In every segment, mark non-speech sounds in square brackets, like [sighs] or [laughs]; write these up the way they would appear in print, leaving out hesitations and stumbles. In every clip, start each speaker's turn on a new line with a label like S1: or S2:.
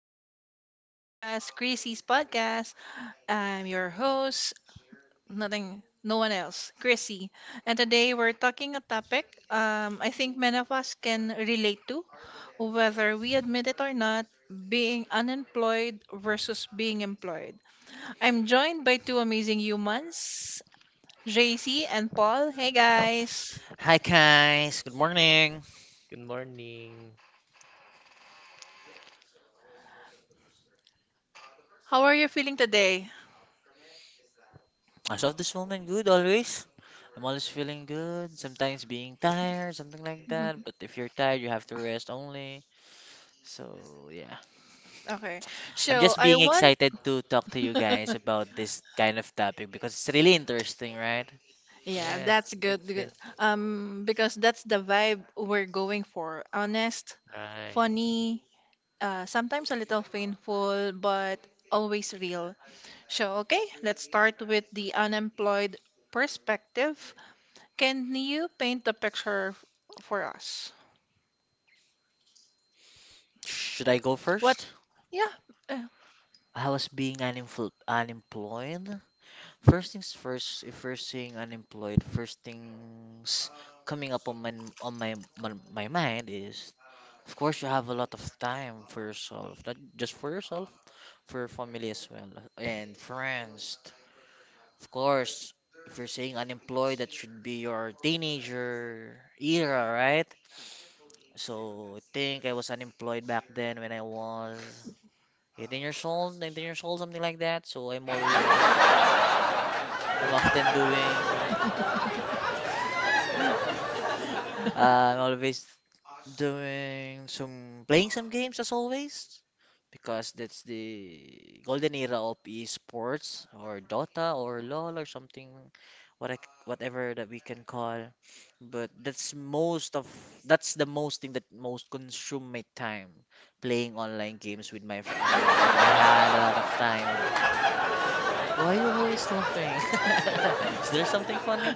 S1: to my podcast, Chrissy's podcast. I'm your host, nothing, no one else, Chrissy. And today we're talking a topic I think many of us can relate to, whether we admit it or not, being unemployed versus being employed. I'm joined by two amazing humans, JC and Paul. Hey guys,
S2: Hi guys, good morning.
S3: Good morning.
S1: how are you feeling today?
S2: As of this moment, good always. I'm always feeling good, sometimes being tired, something like that.
S1: [laughs]
S2: But if you're tired, you have to rest only. So yeah,
S1: Okay,
S2: I'm
S1: so
S2: just
S1: I
S2: being
S1: want
S2: excited to talk to you guys
S1: [laughs]
S2: about this kind of topic because it's really interesting, right?
S1: Yeah,
S3: Yes,
S1: that's good.
S3: it's in
S1: good. Because that's the vibe we're going for. Honest,
S3: right.
S1: funny, sometimes a little painful, but always real. So, okay, let's start with the unemployed perspective. Can you paint the picture for us?
S2: Should I go
S1: What?
S2: first?
S1: Yeah. uh,
S2: I was being unemployed. First things first, if we're saying unemployed, first things coming up on my mind is, of course, you have a lot of time for yourself, not just for yourself, for your family as well, and friends. Of course, if you're saying unemployed, that should be your teenager era, right? So I think I was unemployed back then when I was 18 years old, 19 years old, something like that. So I'm often doing, [laughs] uh, I'm always doing some, playing some games as always, because that's the golden era of esports or Dota or LoL or something, what whatever that we can call. But that's the most thing that most consume my time playing online games with my friend, and I had a lot of time. Why are you always laughing? [laughs] Is there something funny?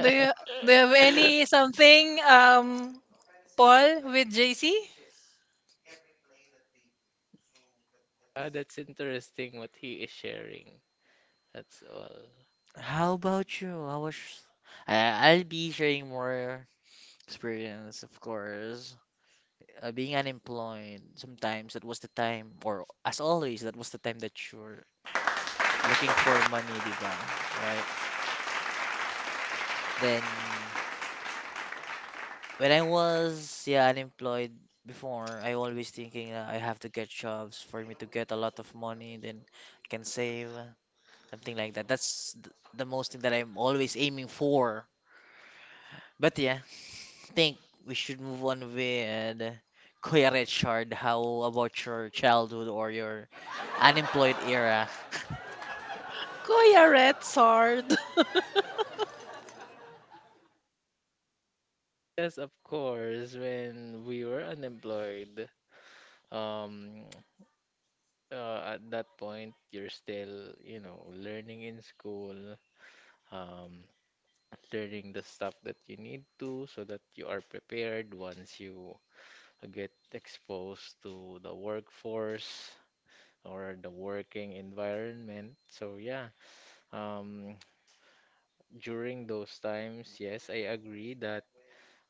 S1: Do you do you have any
S2: [laughs]
S1: something, Paul with JC?
S3: Ah, that's interesting what he is sharing. That's all.
S2: How about you? I, I'll be sharing more experience, of course. Being unemployed, sometimes that was the time, or as always, that was the time that you're looking for money, di ba? Right? Then, when I was, yeah, unemployed before, I always thinking that I have to get jobs for me to get a lot of money, then I can save, something like that. The most thing that I'm always aiming for. But yeah, think we should move on with Kuya Richard. How about your childhood or your unemployed era?
S1: Kuya Red Sword.
S3: Yes, of course, when we were unemployed, um, [tsk] at that point, you're still, you know, learning in school, um, learning the stuff that you need to so that you are prepared once you get exposed to the workforce or the working environment. So yeah, um, during those times, yes, I agree that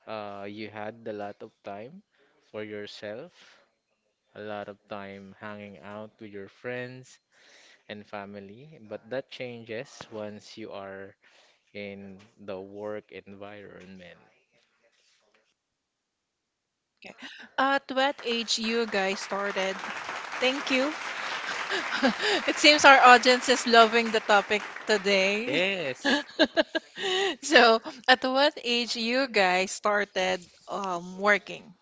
S3: you had a lot of time for yourself, a lot of time hanging out with your friends and family. But that changes once you are in the work environment.
S1: Okay. At what age you guys started? Thank you. [laughs] It seems our audience is loving the topic
S3: Yes,
S1: today. [laughs] So, at what age you guys started working?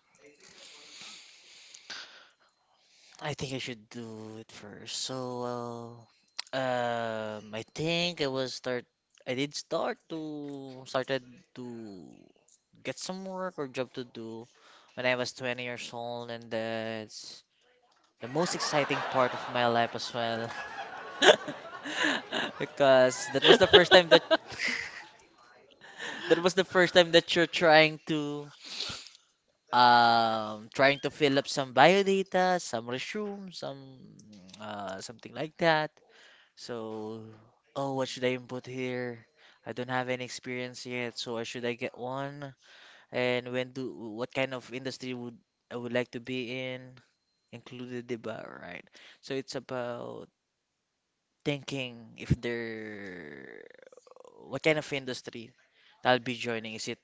S2: [laughs] I think I should do it first. So, uh, I think I was start. I did start to started to get some work or job to do when I was 20 years old, and that's the most exciting part of my life as well, [laughs] because that was the first time that. [laughs] That was the first time that you're trying to fill up some biodata, some resume, some something like that. So, oh, what should I input here? I don't have any experience yet, so why should I get one? And when do what kind of industry would I would like to be in? Included, diba? Right. So it's about thinking if they're what kind of industry that'll be joining. Is it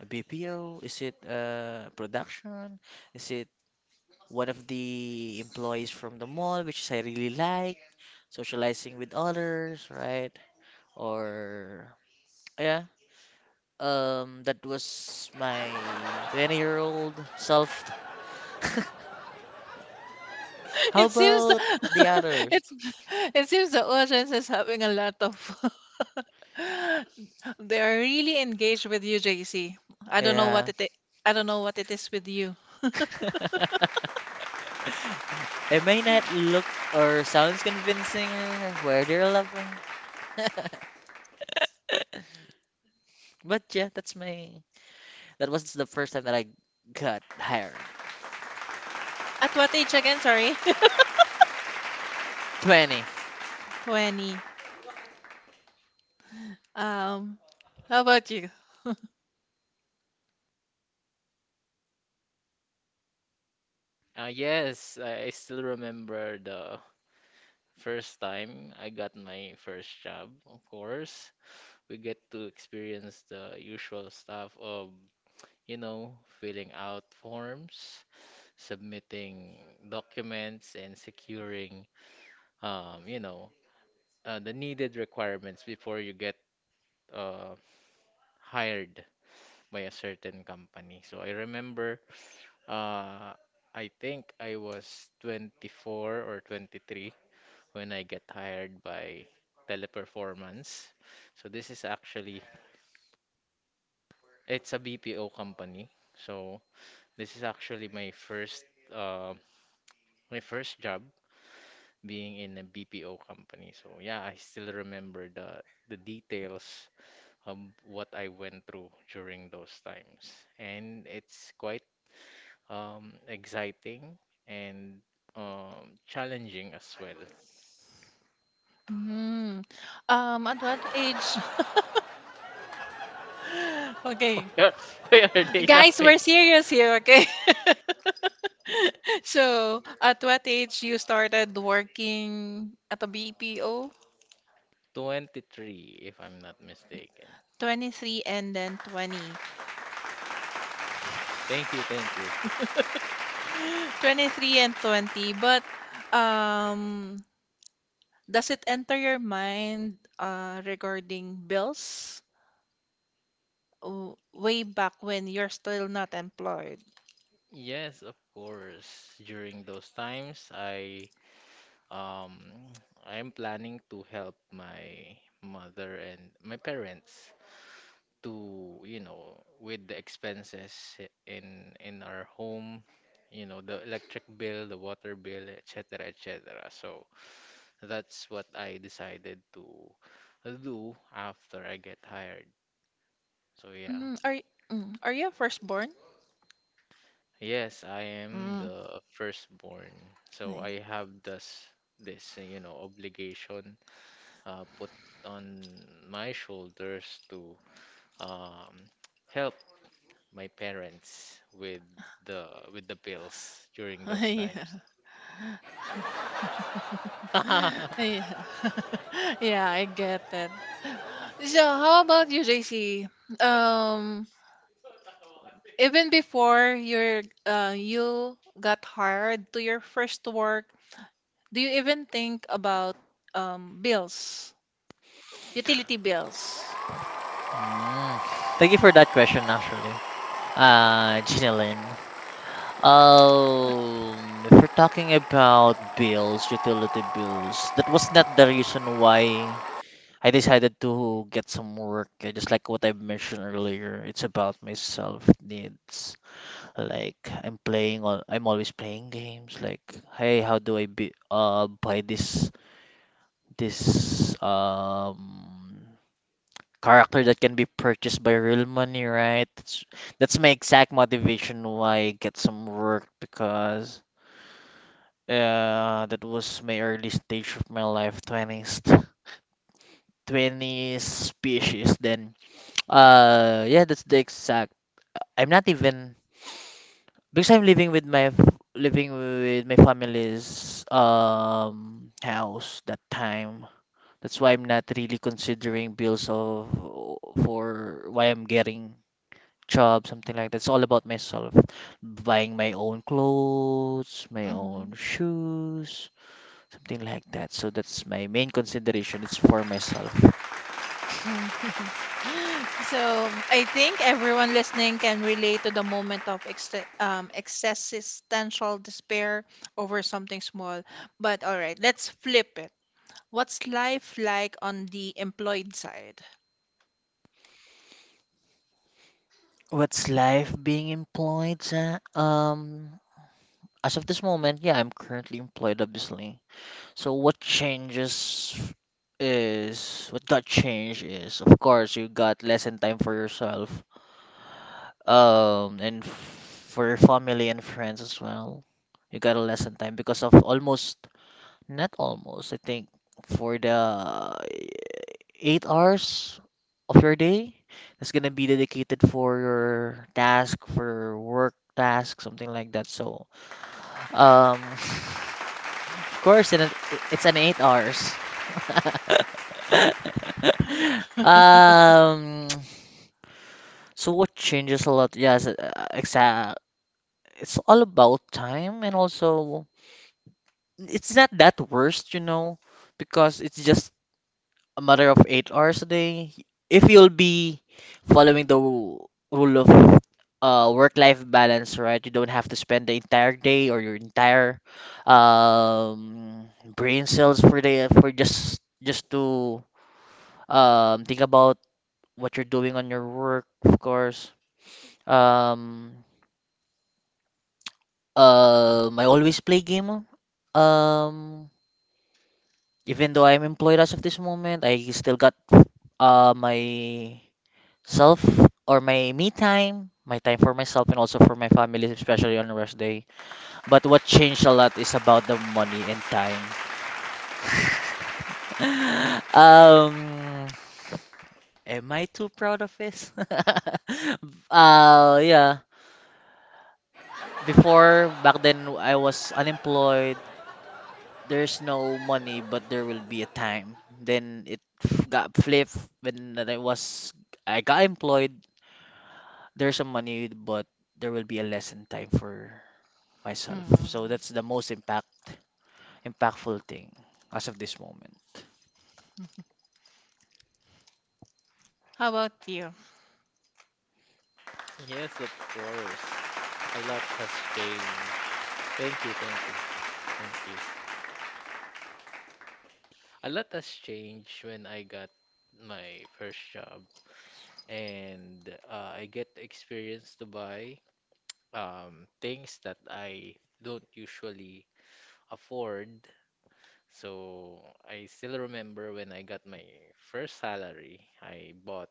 S2: a BPO? Is it production? Is it one of the employees from the mall, which is I really like, socializing with others, right? Or yeah, that was my 20-year-old self. [laughs]
S1: [laughs]
S2: How
S1: It seems the,
S2: about the
S1: [laughs]
S2: others?
S1: it's it seems the audience is having a lot of [laughs] they are really engaged with you, JC. I don't know what
S2: Yeah.
S1: it I I don't know what it is with you.
S2: [laughs] It may not look or sounds convincing or where they're loving, but yeah, that's my. That was the first time that I got hired.
S1: At what age again? Sorry. [laughs]
S2: 20.
S1: 20. Um, how about you?
S3: yes, I still remember the first time I got my first job. Of course, we get to experience the usual stuff of, you know, filling out forms, submitting documents, and securing, you know, the needed requirements before you get uh, hired by a certain company. So I remember, uh, I think I was 24 or 23 when I get hired by Teleperformance. So this is actually, it's a BPO company. So this is actually uh, my first job being in a BPO company. So yeah, I still remember the details of what I went through during those times. And it's quite exciting and challenging as well.
S1: Mm, at what age? [laughs]
S3: [laughs]
S1: Okay,
S3: Why are they
S1: guys,
S3: laughing?
S1: we're serious here, okay? [laughs] So, at what age you started working at a BPO?
S3: 23, if I'm not mistaken.
S1: 23 and then 20.
S3: Thank you, thank you.
S1: [gasps] [laughs] 23 and 20, but um, does it enter your mind regarding bills? Way back when you're still not employed.
S3: Yes, of course. During those times, I Um, I'm planning to help my mother and my parents to, you know, with the expenses in our home, you know, the electric bill, the water bill, etc., etc. So that's what I decided to do after I get hired. So yeah.
S1: Are you a firstborn?
S3: Yes, I am
S1: Mm,
S3: the firstborn. So
S1: ay-
S3: I have this, you know, obligation put on my shoulders to um, [tsk] help my parents the with the bills during
S1: [laughs]
S3: those
S1: yeah.
S3: times. [laughs]
S1: [laughs] Yeah. [laughs] Yeah, I get that. So, how about you, JC? Um, even before you got hired to your first work, do you even think about bills, utility bills?
S2: Mm. Thank you for that question, actually. Gina Lynn. If we're talking about bills, utility bills, that was not the reason why I decided to get some work. Just like what I mentioned earlier, it's about my self needs. Like I'm always playing games like, hey, how do I be buy this this um character that can be purchased by real money, right? That's my exact motivation why I get some work, because that was my early stage of my life, 20s 20 species then, yeah, that's the exact I'm not even, because I'm living with living with my family's house that time. That's why I'm not really considering bills of for why I'm getting job, something like that. It's all about myself. Buying my own clothes, my own shoes, something like that. So that's my main consideration. It's for myself.
S1: Mm. [laughs] So I think everyone listening can relate to the moment of ex existential despair over something small. But all right, let's flip it. What's life like on the employed side?
S2: What's life being employed? As of this moment, yeah, I'm currently employed, obviously. So what got changed is, of course, you got less time for yourself, and for your family and friends as well. You got a less time because of almost not almost I think for the 8 hours of your day that's gonna be dedicated for your task, for your work task, something like that. So um. [laughs] Of course, and it's an 8 hours. [laughs] Um, so what changes a lot? Yes, exact. It's all about time, and also it's not that worst, you know, because it's just a matter of 8 hours a day. If you'll be following the rule of work-life balance, right? You don't have to spend the entire day or your entire um, brain cells for the for just to think about what you're doing on your work, of course. Um, I always play game. Um, even though I'm employed as of this moment, I still got my self or my me time, my time for myself and also for my family, especially on rest day. But what changed a lot is about the money and time. [laughs] Um, am I too proud of this? [laughs] Uh, yeah. Before back then, I was unemployed. There's no money, but there will be a time. Then got flipped when I got employed. There's some money, but there will be a lesson time for myself.
S1: Hmm.
S2: So that's the most impact impactful thing as of this moment.
S1: How about you?
S3: A lot has changed when I got my first job, and I get experience to buy things that I don't usually afford. So I still remember when I got my first salary, I bought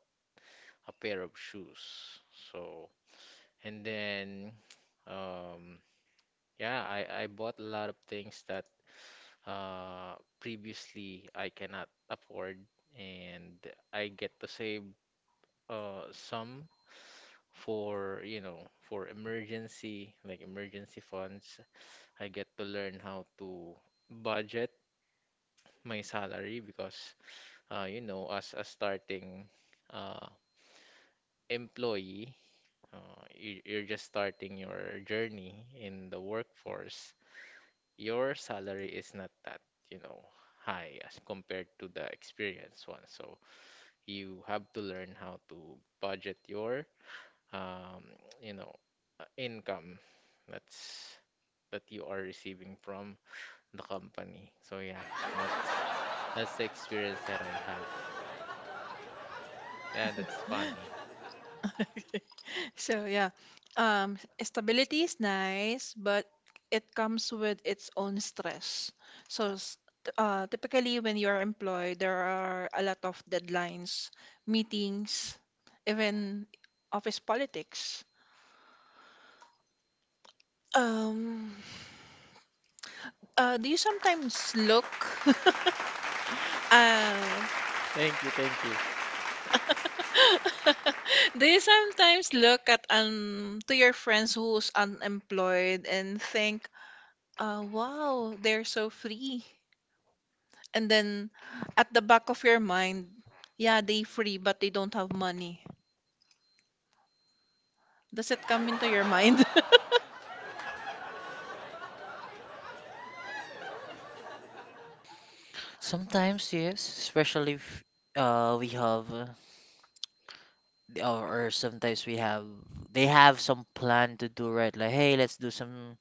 S3: a pair of shoes. So And then, um, yeah, I bought a lot of things that previously I cannot afford, and I get to save some for, you know, for emergency, like emergency funds. I get to learn how to budget my salary because, you know, as a starting uh, employee, you're just starting your journey in the workforce. Your salary is not that, you know, high as compared to the experienced one. So you have to learn how to budget your, um, you know, income that's that you are receiving from the company. So yeah, that's the experience that I had. Yeah, that's funny.
S1: [laughs] So yeah, stability is nice, but it comes with its own stress. So typically, when you are employed, there are a lot of deadlines, meetings, even office politics. Um, do you sometimes look? [laughs] Oh.
S3: Thank you, thank you.
S1: [laughs] Do you sometimes look at to your friends who's unemployed and think, wow, they're so free? And then at the back of your mind, yeah, they free but they don't have money. Does it come into your mind? [laughs]
S2: Sometimes yes, especially if we have the- or sometimes we have they have some plan to do, right? Like, hey, let's do some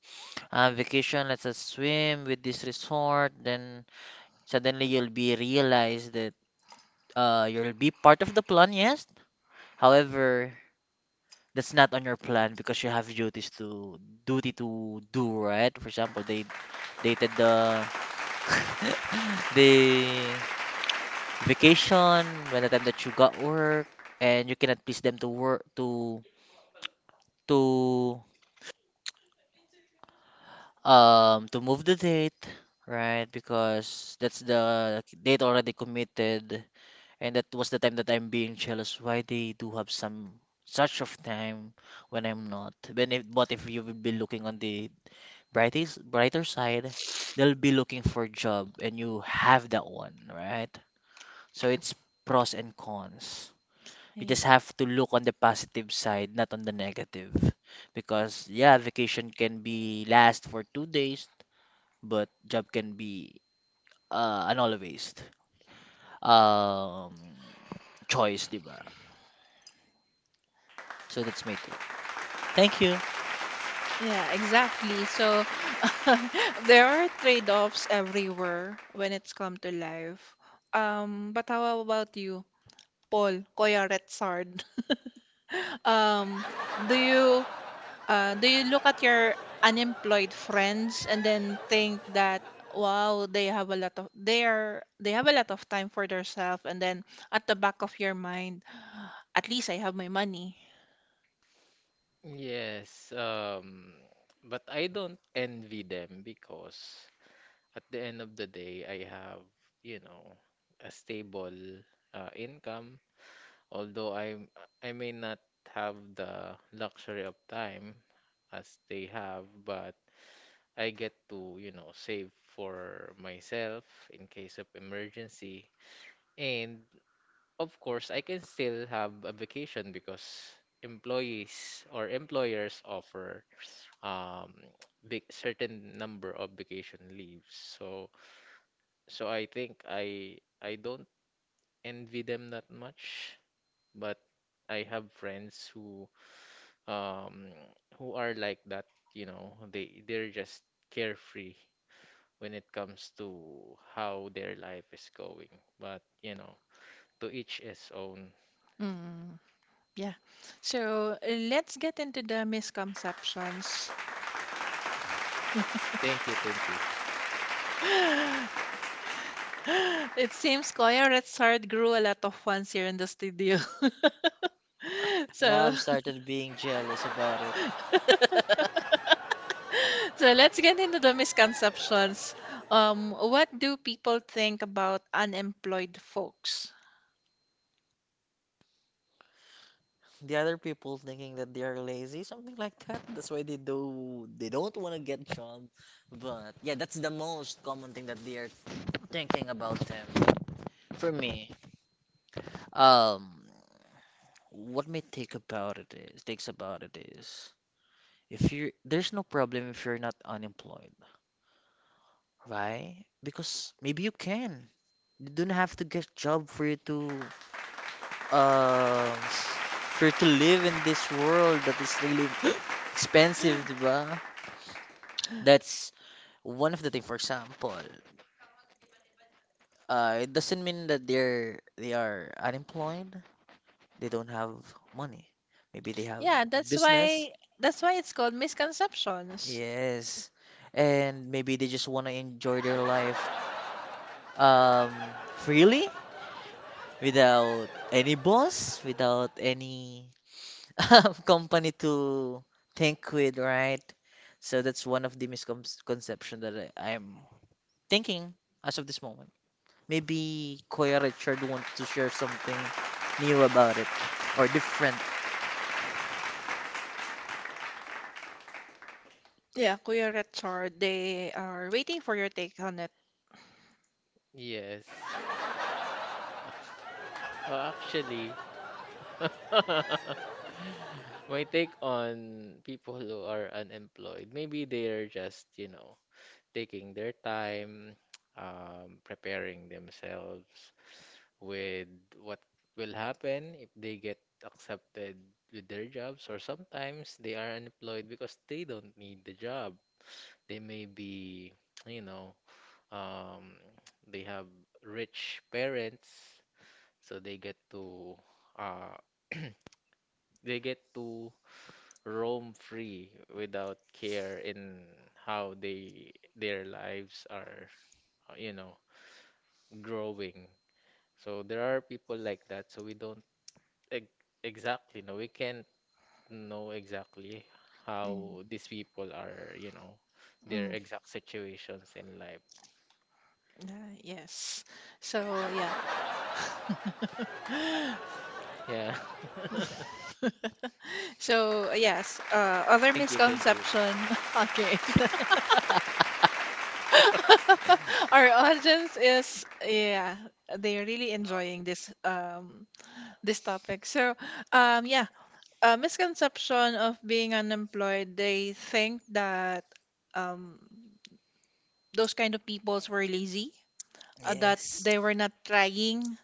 S2: vacation, let's swim with this resort. Then suddenly you'll be realized that you'll be part of the plan, yes, however that's not on your plan because you have duties to duty to do, right? For example, they dated the [laughs] the vacation, by the time that you got work, and you cannot please them to work to to move the date, right? Because that's the date already committed, and that was the time that I'm being jealous. Why they do have some such of time when I'm not. When if, but if you will be looking on the brightest brighter side, they'll be looking for job, and you have that one, right? So it's pros and cons. You
S1: Yeah,
S2: just have to look on the positive side, not on the negative. Because yeah, vacation can be last for 2 days, but job can be an always um choice, diba? So that's my take. Thank you.
S1: Yeah, exactly. So [laughs] there are trade-offs everywhere when it's come to life. But how about you, Paul, Koya Retsard? [laughs] Um, do you do you look at your unemployed friends and then think that wow, they have a lot of time for themselves and then at the back of your mind, [sighs] at least I have my money.
S3: Yes, um, but I don't envy them because at the end of the day, I have, you know, a stable income. Although I may not have the luxury of time as they have, but I get to, you know, save for myself in case of emergency. And of course, I can still have a vacation because employees or employers offer um, big certain number of vacation leaves. So, so I think I don't envy them that much, but I have friends um who are like that, you know, they're just carefree when it comes to how their life is going. But, you know, to each his own.
S1: Mm, yeah. So let's get into the misconceptions. [gasps]
S3: Thank you, thank you.
S1: [laughs] It seems Koya Red grew a lot of fans here in the studio. [laughs]
S2: Now
S1: So
S2: I've started being jealous about it.
S1: [laughs] So let's get into the misconceptions. What do people think about unemployed folks?
S2: The other people thinking that they are lazy, something like that. That's why they don't want to get job. But yeah, that's the most common thing that they are thinking about them. For me, um what may take about it is takes about it is, if you, there's no problem if you're not unemployed, right? Because maybe you can. You don't have to get job for you to um [laughs] for you to live in this world that is really expensive, di ba? That's one of the thing. For example, it doesn't mean that they are unemployed. They don't have money. Maybe they have
S1: Yeah, that's
S2: business.
S1: why that's why it's called misconceptions.
S2: Yes. And maybe they just want to enjoy their life freely without any boss, without any [laughs] company to think with, right? So that's one of the misconception that I'm thinking as of this moment. Maybe Kuya Richard want to share something new about it or different.
S1: Yeah, Kuya Richard, they are waiting for your take on it.
S3: Yes. Oh, actually, [laughs] my take on people who are unemployed, maybe they are just, you know, taking their time, [tsk] preparing themselves with what will happen if they get accepted with their jobs, or sometimes they are unemployed because they don't need the job. They may be, [tsk] you know, um, [tsk] they have rich parents, so they get to, uh, [clears throat] they get to roam free without care in how they their lives are, you know, growing. So there are people like that. So we don't ex exactly know. We can't know exactly
S1: Mm,
S3: how these people are, you know, their
S1: mm,
S3: exact situations in life.
S1: yeah, yes. So yeah. [laughs]
S3: Yeah. [laughs]
S1: So yes, other
S3: Thank you. Thank you.
S1: misconception. [laughs] Okay. [laughs] Our audience is yeah, they're really enjoying this topic. So yeah, a misconception of being unemployed, they think that um those kind of peoples were lazy, that
S2: Yes.
S1: they were not trying.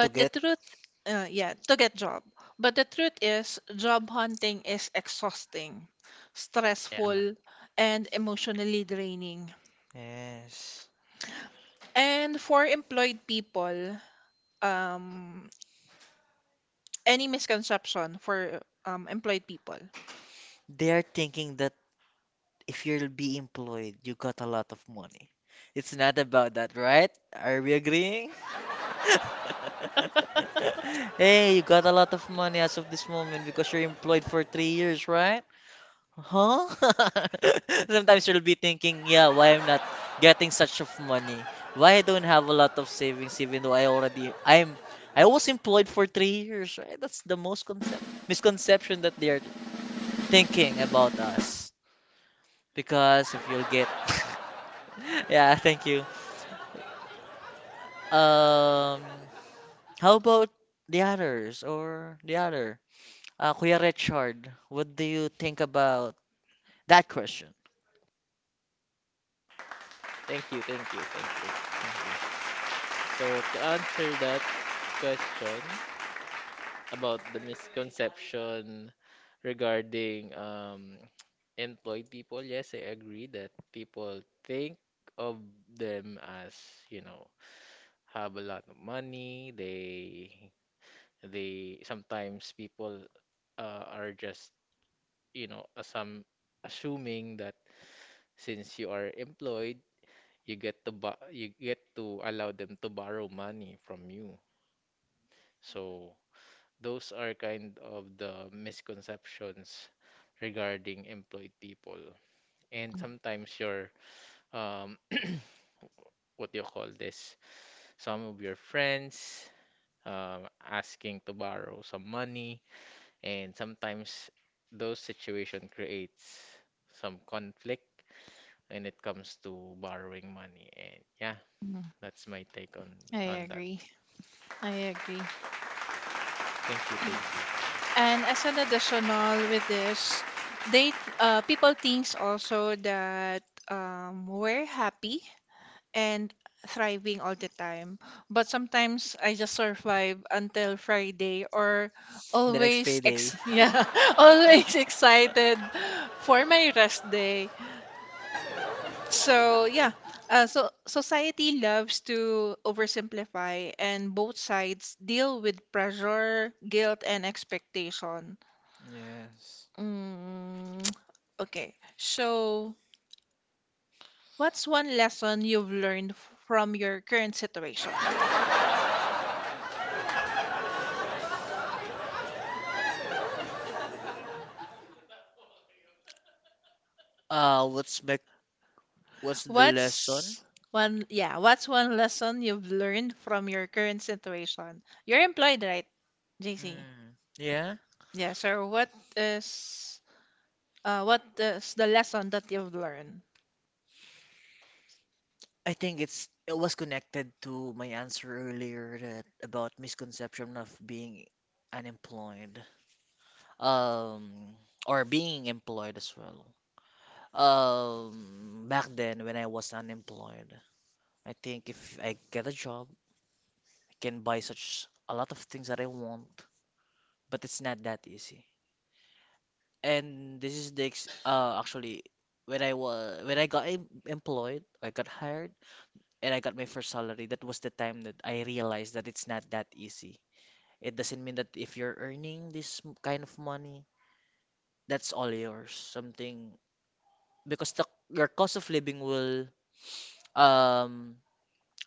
S2: To
S1: the
S2: get.
S1: truth, yeah, to get job. But the truth is, job hunting is exhausting,
S3: Yeah.
S1: stressful, and emotionally draining.
S2: Yes.
S1: And for employed people, um, any misconception for employed people.
S2: They are thinking that if you'll be employed, you got a lot of money. It's not about that, right? Are we agreeing? [laughs] Hey, you got a lot of money as of this moment because you're employed for 3 years, right? Huh? [laughs] Sometimes you'll be thinking, yeah, why I'm not getting such of money? Why I don't have a lot of savings even though I already I'm I was employed for 3 years, right? That's the most concept misconception that they're thinking about us. Because if you'll get [laughs] [laughs] yeah, thank you. Um, how about the other? Kuya Richard, what do you think about that question?
S3: Thank you. Thank you. Thank you. Thank you. So to answer that question about the misconception regarding [tsk] employed people, yes, I agree that people think of them as, you know, have a lot of money. They sometimes people are just, you know, assuming that since you are employed, you get to allow them to borrow money from you. So those are kind of the misconceptions regarding employed people. And
S1: Mhm.
S3: sometimes your um what do you call this? Some of your friends asking to borrow some money. And sometimes those situation creates some conflict when it comes to borrowing money. And yeah,
S1: Mm,
S3: that's my take
S1: I
S3: on that.
S1: agree. I agree.
S3: Thank you, thank you.
S1: And as an additional with this, people thinks also that we're happy and thriving all the time. But sometimes I just survive until Friday or
S2: The next
S1: always
S2: payday.
S1: ex [laughs] yeah, [laughs] always excited for my rest day. So yeah, so society loves to oversimplify, and both sides deal with pressure, guilt, and expectation.
S2: Yes.
S1: Mm, [tsk] okay, so what's one lesson you've learned from your current situation?
S2: What's back? What's the lesson?
S1: What's what's one lesson you've learned from your current situation? You're employed, right, JC?
S2: Hmm. Yeah.
S1: Yeah, so is what is the lesson that you've learned?
S2: I think it was connected to my answer earlier that about misconception of being unemployed. Um, or being employed as well. Back then when I was unemployed, I think if I get a job, I can buy such a lot of things that I want, but it's not that easy. And this is the ex actually when I got employed, I got hired, and I got my first salary. That was the time that I realized that it's not that easy. It doesn't mean that if you're earning this kind of money, that's all yours. Something, because the your cost of living will um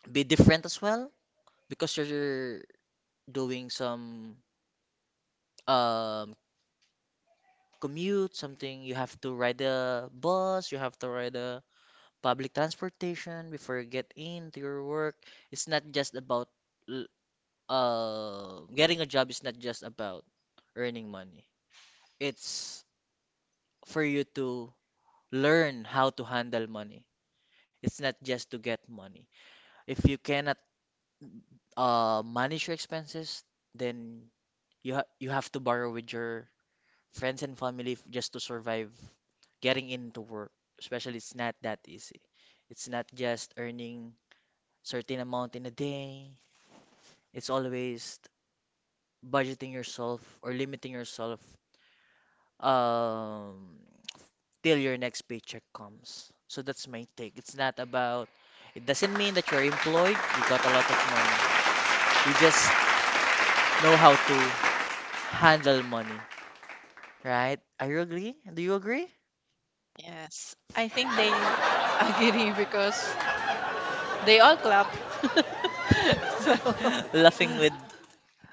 S2: be different as well, because you're doing some um commute, something, you have to ride a bus, you have to ride a public transportation before you get into your work. It's not just about l- getting a job is not just about earning money. It's for you to learn how to handle money. It's not just to get money. If you cannot manage your expenses, then you have to borrow with your friends and just to survive getting into work, especially it's not that easy. It's not just earning certain amount in a day, it's always budgeting yourself or limiting yourself um till your next paycheck comes. So that's my take, it's not about, it doesn't mean that you're employed you got a lot of money, you just know how to handle money, right? Are you agree? Do you agree?
S1: Yes, I think they [laughs] agree because they all clap. [laughs] So,
S2: [laughs] Laughing with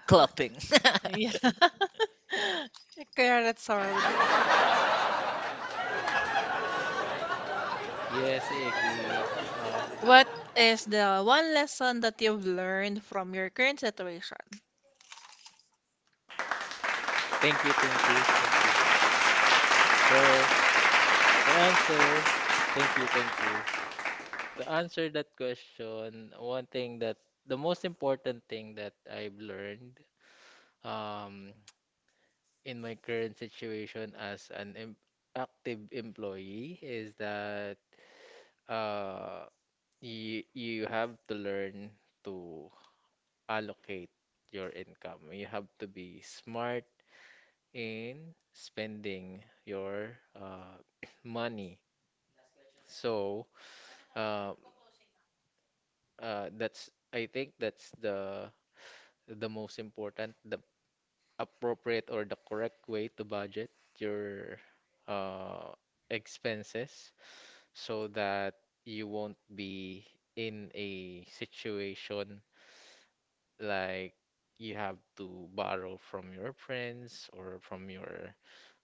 S2: clapping. [laughs]
S1: [laughs] yeah. [laughs] Correct, sir.
S3: Yes, I agree. Uh,
S1: What is the one lesson that you've learned from your current situation?
S3: thank so to answer, Thank you, thank you. To answer that question, one thing that, the most important thing that I've learned um [tsk] in my current situation as an active employee, is that uh you have to learn to allocate your income. You have to be smart in spending your, [clears throat] money. So uh, that's, I think that's the most important, the appropriate or the correct way to budget your, uh, expenses so that you won't be in a situation like you have to borrow from your friends or from your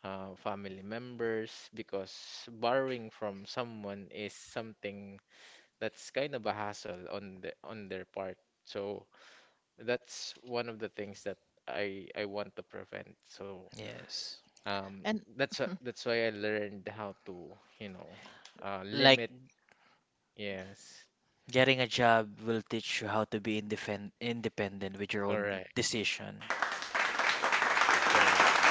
S3: family members because borrowing from someone is something that's kind of a hassle on the on their part. So that's one of the things that I want to prevent. So
S2: Yes.
S3: um
S1: And
S3: that's that's why I learned how to, you know,
S2: Like
S3: limit. Yes.
S2: getting a job will teach you how to be independent with your own
S3: Correct.
S2: decision.
S3: Correct.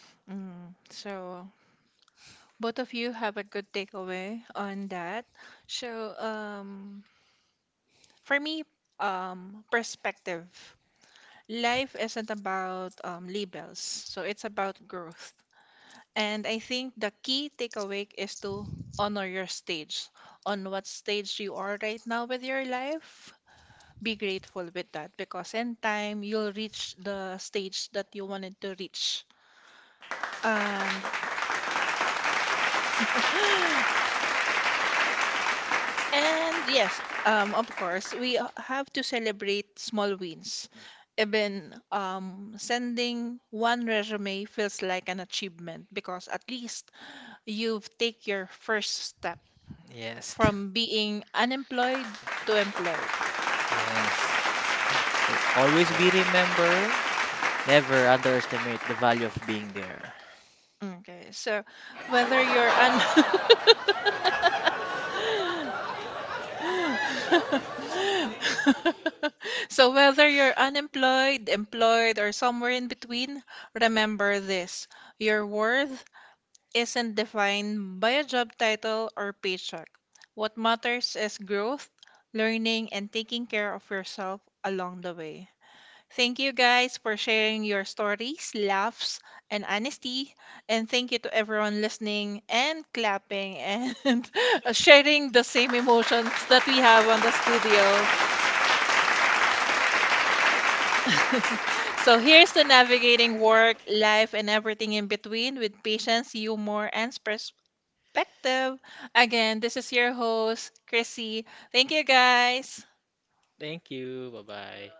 S1: [laughs] so both of you have a good takeaway on that. So, for me, perspective. Life isn't about labels, so it's about growth. And I think the key takeaway is to honor your stage. On what stage you are right now with your life, be grateful with that because in time you'll reach the stage that you wanted to reach. And [gasps] and yes, of course, we have to celebrate small wins. Even sending one resume feels like an achievement because at least you've take your first step
S2: Yes. [laughs]
S1: from being unemployed to employed.
S2: Yes. Always be remember, never underestimate the value of being there.
S1: Okay. So whether you're un [laughs] [laughs] So whether you're unemployed, employed, or somewhere in between, remember this. Your worth isn't defined by a job title or paycheck. What matters is growth, learning, and taking care of yourself along the way. Thank you guys for sharing your stories, laughs, and honesty. And thank you to everyone listening and clapping and [laughs] sharing the same emotions that we have on the studio. So here's to navigating work, life, and everything in between with patience, humor, and perspective. Again, this is your host, Chrissy. Thank you guys.
S3: Thank you. Bye-bye.